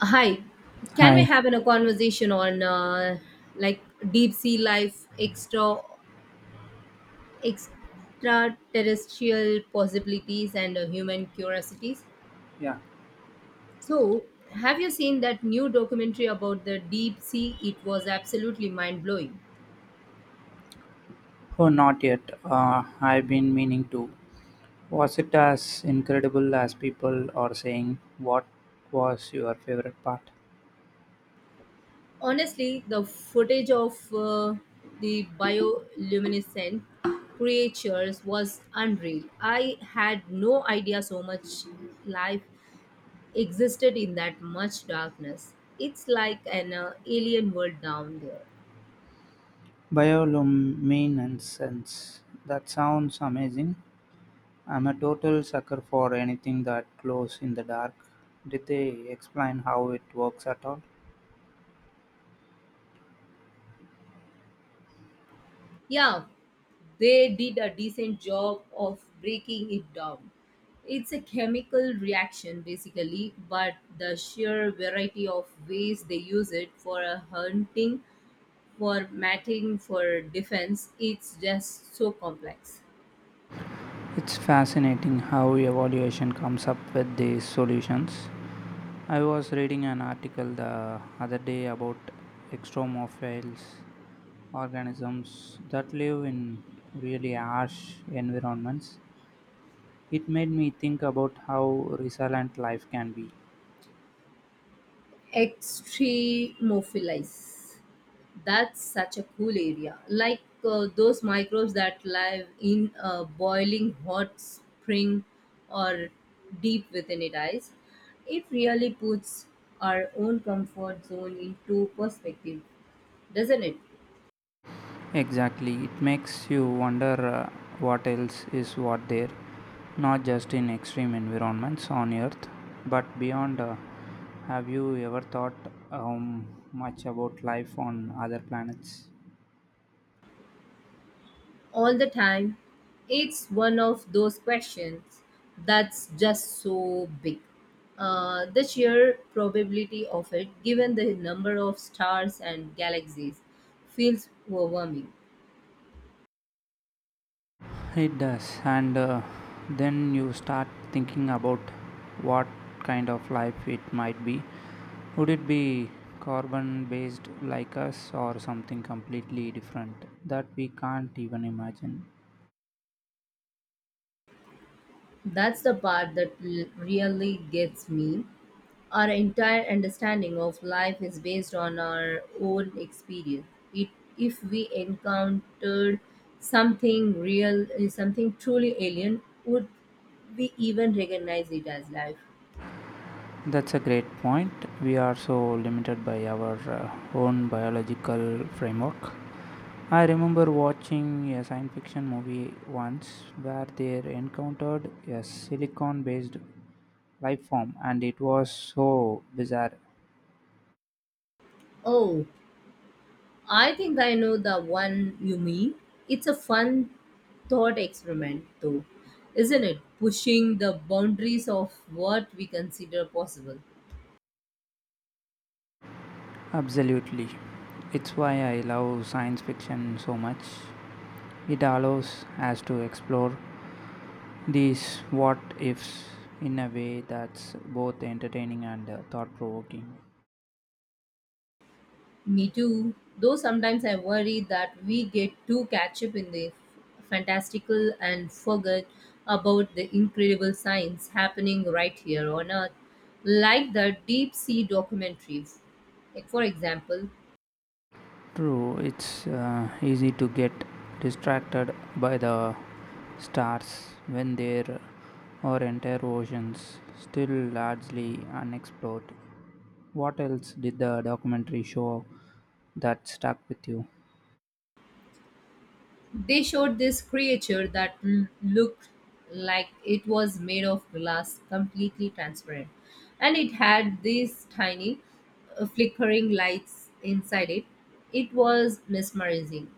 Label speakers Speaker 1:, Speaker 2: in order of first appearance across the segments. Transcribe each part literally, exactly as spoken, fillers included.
Speaker 1: Hi, can we
Speaker 2: Hi.
Speaker 1: have a conversation on uh, like deep sea life, extra extraterrestrial possibilities, and uh, human curiosities?
Speaker 2: Yeah.
Speaker 1: So, have you seen that new documentary about the deep sea? It was absolutely mind blowing.
Speaker 2: Oh, not yet. Uh, I've been meaning to. Was it as incredible as people are saying? What was your favorite part?
Speaker 1: Honestly, the footage of uh, the bioluminescent creatures was unreal. I had no idea so much life existed in that much darkness. It's like an uh, alien world down there.
Speaker 2: Bioluminescence. That sounds amazing. I'm a total sucker for anything that glows in the dark. Did they explain how it works at all?
Speaker 1: Yeah, they did a decent job of breaking it down. It's a chemical reaction basically, but the sheer variety of ways they use it for uh, hunting, for mating, for defense, it's just so complex.
Speaker 2: It's fascinating how evaluation comes up with these solutions. I was reading an article the other day about extremophiles organisms that live in really harsh environments. It made me think about how resilient life can be.
Speaker 1: Extremophilize. That's such a cool area. Like uh, those microbes that live in a boiling hot spring or deep within it ice. It really puts our own comfort zone into perspective, doesn't it?
Speaker 2: Exactly, it makes you wonder, uh, what else is what there, not just in extreme environments on Earth, but beyond. Uh, have you ever thought um, much about life on other planets?
Speaker 1: All the time. It's one of those questions that's just so big. Uh, the sheer probability of it, given the number of stars and galaxies, feels overwhelming.
Speaker 2: It does, and uh, then you start thinking about what kind of life it might be. Would it be carbon based like us or something completely different that we can't even imagine?
Speaker 1: That's the part that l- really gets me. Our entire understanding of life is based on our own experience. It, if we encountered something real, eh, something truly alien, would we even recognize it as life?
Speaker 2: That's a great point. We are so limited by our uh, own biological framework. I remember watching a science fiction movie once where they encountered a silicon based life form and it was so bizarre.
Speaker 1: Oh, I think I know the one you mean. It's a fun thought experiment, though, isn't it? Pushing the boundaries of what we consider possible.
Speaker 2: Absolutely, it's why I love science fiction so much. It allows us to explore these what ifs in a way that's both entertaining and thought provoking.
Speaker 1: Me too. Though sometimes I worry that we get too catch up in the fantastical and forget about the incredible science happening right here on Earth, like the deep sea documentaries. Like for example,
Speaker 2: True, it's uh, easy to get distracted by the stars when there are entire oceans still largely unexplored. What else did the documentary show that stuck with you?
Speaker 1: they showed this creature that l- looked like it was made of glass, completely transparent, and it had these tiny uh, flickering lights inside it. It was mesmerizing.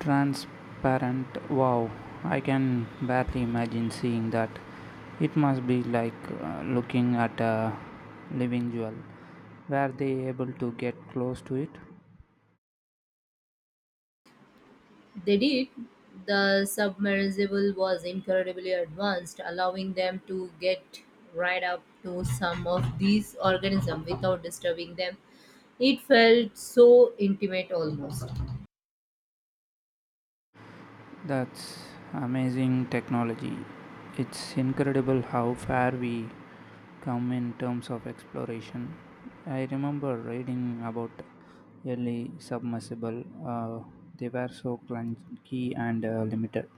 Speaker 2: Transparent, wow, I can barely imagine seeing that. It must be like uh, looking at a living jewel. Were they able to get close to it?
Speaker 1: They did. The submersible was incredibly advanced, allowing them to get right up to some of these organisms without disturbing them. It felt so intimate almost.
Speaker 2: That's amazing technology. It's incredible how far we come in terms of exploration. I remember reading about early submersible. Uh, they were so clunky and uh, limited.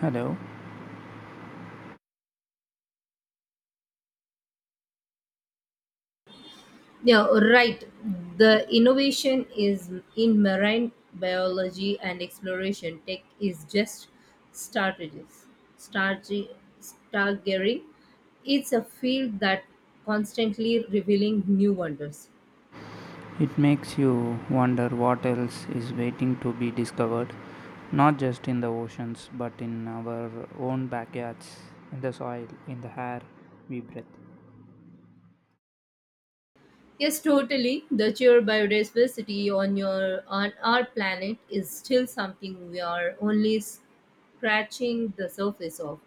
Speaker 2: Hello.
Speaker 1: Yeah, right. The innovation is in marine biology and exploration. Tech is just strategies. Stargy, stargazing. It's a field that constantly revealing new wonders.
Speaker 2: It makes you wonder what else is waiting to be discovered, not just in the oceans, but in our own backyards, in the soil, in the air we breathe.
Speaker 1: Yes, totally. The sheer biodiversity on your on our planet is still something we are only scratching the surface of.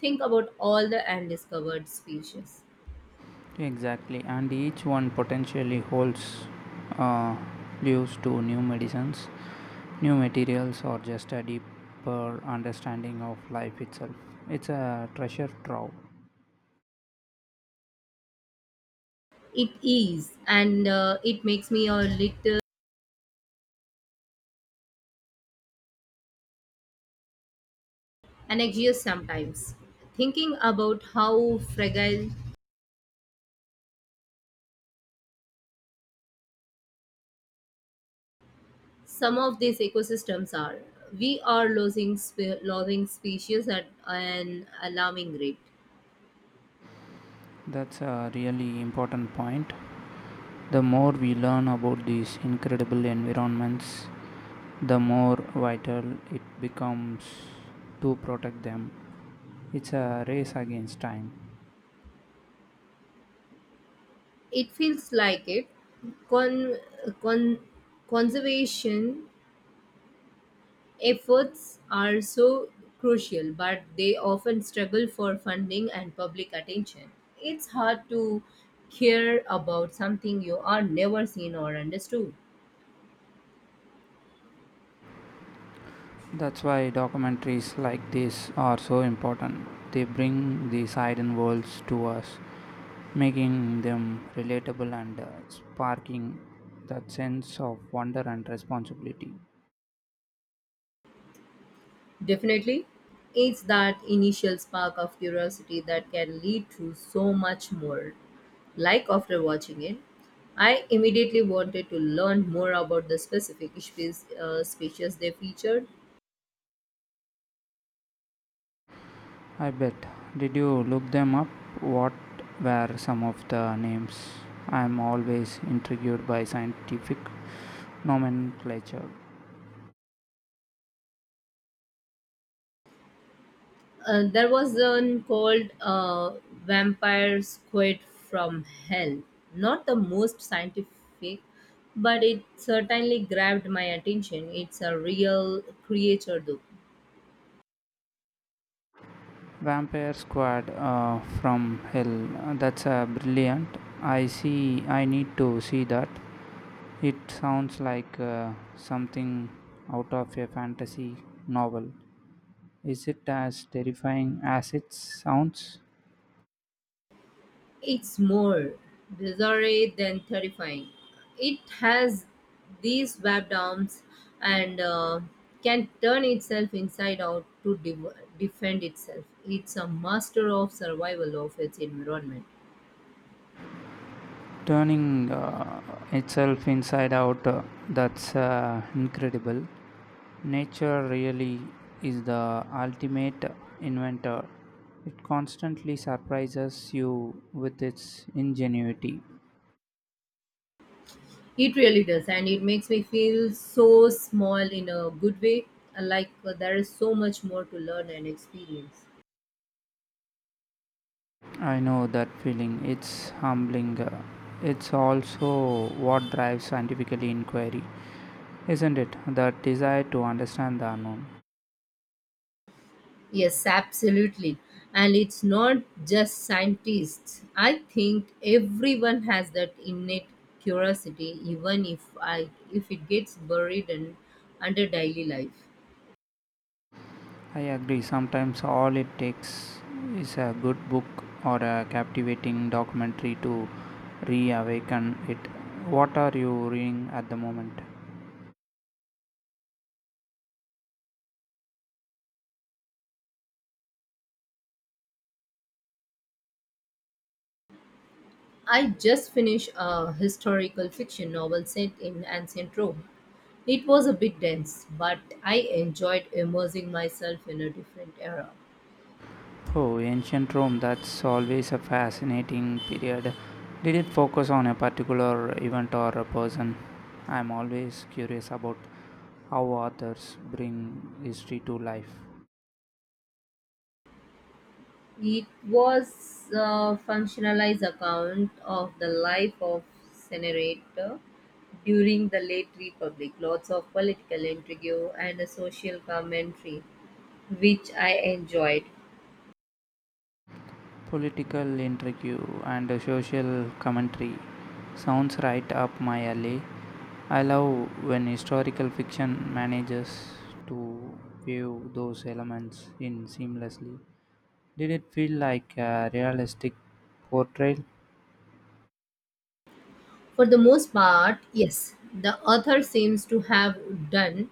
Speaker 1: Think about all the undiscovered species.
Speaker 2: Exactly, and each one potentially holds uh, clues to new medicines, new materials, or just a deeper understanding of life itself. It's a treasure trove.
Speaker 1: It is, and uh, it makes me a little anxious sometimes. Thinking about how fragile some of these ecosystems are, we are losing spe- losing species at an alarming rate.
Speaker 2: That's a really important point. The more we learn about these incredible environments, the more vital it becomes to protect them. It's a race against time.
Speaker 1: It feels like it. Con- con- conservation efforts are so crucial, but they often struggle for funding and public attention. It's hard to care about something you are never seen or understood.
Speaker 2: That's why documentaries like this are so important. They bring these hidden worlds to us, making them relatable and uh, sparking that sense of wonder and responsibility.
Speaker 1: Definitely, it's that initial spark of curiosity that can lead to so much more. Like after watching it, I immediately wanted to learn more about the specific species, uh, species they featured.
Speaker 2: I bet. Did you look them up? What were some of the names? I'm always intrigued by scientific nomenclature.
Speaker 1: Uh, there was one called uh, Vampire Squid from Hell. Not the most scientific, but it certainly grabbed my attention. It's a real creature, though.
Speaker 2: Vampire Squad uh, from Hell. That's a brilliant. I see. I need to see that. It sounds like uh, something out of a fantasy novel. Is it as terrifying as it sounds?
Speaker 1: It's more bizarre than terrifying. It has these webbed arms and uh, can turn itself inside out to de- defend itself. It's a master of survival of its environment.
Speaker 2: Turning uh, itself inside out, uh, that's uh, incredible. Nature really is the ultimate inventor. It constantly surprises you with its ingenuity.
Speaker 1: It really does, and it makes me feel so small in a good way, like uh, there is so much more to learn and experience.
Speaker 2: I know that feeling. It's humbling. Uh, It's also what drives scientific inquiry, isn't it? That desire to understand the unknown.
Speaker 1: Yes, absolutely. And it's not just scientists. I think everyone has that innate curiosity, even if I if it gets buried in under daily life.
Speaker 2: I agree. Sometimes all it takes is a good book or a captivating documentary to reawaken it. What are you reading at the moment?
Speaker 1: I just finished a historical fiction novel set in ancient Rome. It was a bit dense, but I enjoyed immersing myself in a different era.
Speaker 2: Oh, ancient Rome, that's always a fascinating period. Did it focus on a particular event or a person? I'm always curious about how authors bring history to life.
Speaker 1: It was a functionalized account of the life of senator during the late republic, lots of political intrigue and a social commentary, which I enjoyed.
Speaker 2: Political intrigue and a social commentary sounds right up my alley. I love when historical fiction manages to weave those elements in seamlessly. Did it feel like a realistic portrayal?
Speaker 1: For the most part, yes, the author seems to have done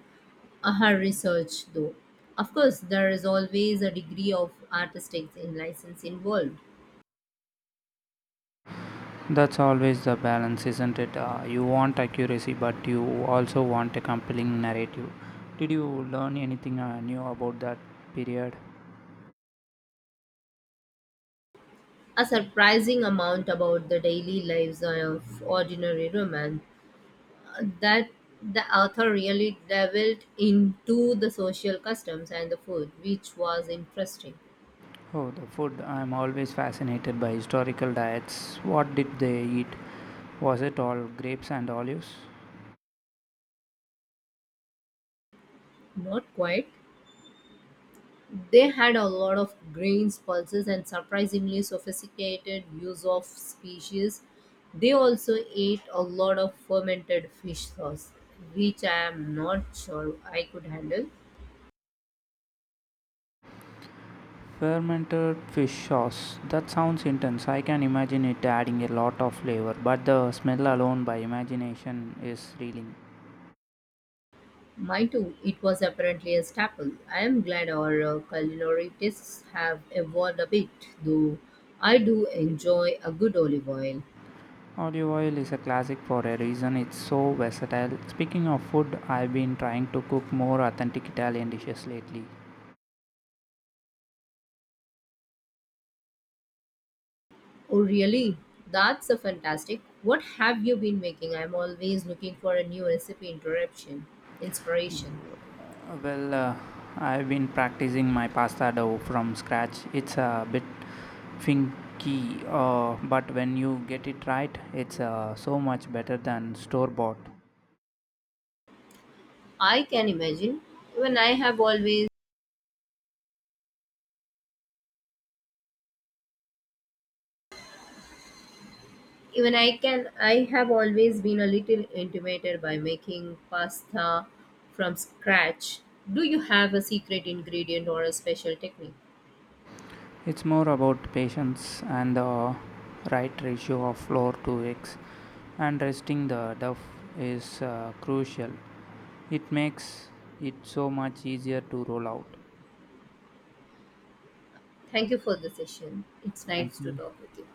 Speaker 1: uh, her research though. Of course, there is always a degree of artistic license involved.
Speaker 2: That's always the balance, isn't it? Uh, you want accuracy, but you also want a compelling narrative. Did you learn anything uh, new about that period?
Speaker 1: A surprising amount about the daily lives of ordinary women that the author really delved into the social customs and the food, which was interesting.
Speaker 2: Oh, the food. I'm always fascinated by historical diets. What did they eat? Was it all grapes and olives?
Speaker 1: Not quite. They had a lot of grains, pulses, and surprisingly sophisticated use of species. They also ate a lot of fermented fish sauce, which I am not sure I could handle.
Speaker 2: Fermented fish sauce. That sounds intense. I can imagine it adding a lot of flavor, but the smell alone by imagination is thrilling.
Speaker 1: My too. It was apparently a staple. I am glad our uh, culinary tastes have evolved a bit, though I do enjoy a good olive oil.
Speaker 2: Olive oil is a classic for a reason, it's so versatile. Speaking of food, I've been trying to cook more authentic Italian dishes lately.
Speaker 1: Oh, really? That's a fantastic. What have you been making? I'm always looking for a new recipe interruption, inspiration.
Speaker 2: Uh, Well, uh, I've been practicing my pasta dough from scratch. It's a bit finky, uh, but when you get it right, it's uh, so much better than store bought.
Speaker 1: I can imagine. Even I have always even I can I have always been a little intimidated by making pasta from scratch. Do you have a secret ingredient or a special technique?
Speaker 2: It's more about patience and the right ratio of flour to eggs, and resting the dough is uh, crucial. It makes it so much easier to roll out.
Speaker 1: Thank you for the session. It's
Speaker 2: Thank
Speaker 1: nice to
Speaker 2: you.
Speaker 1: talk with you.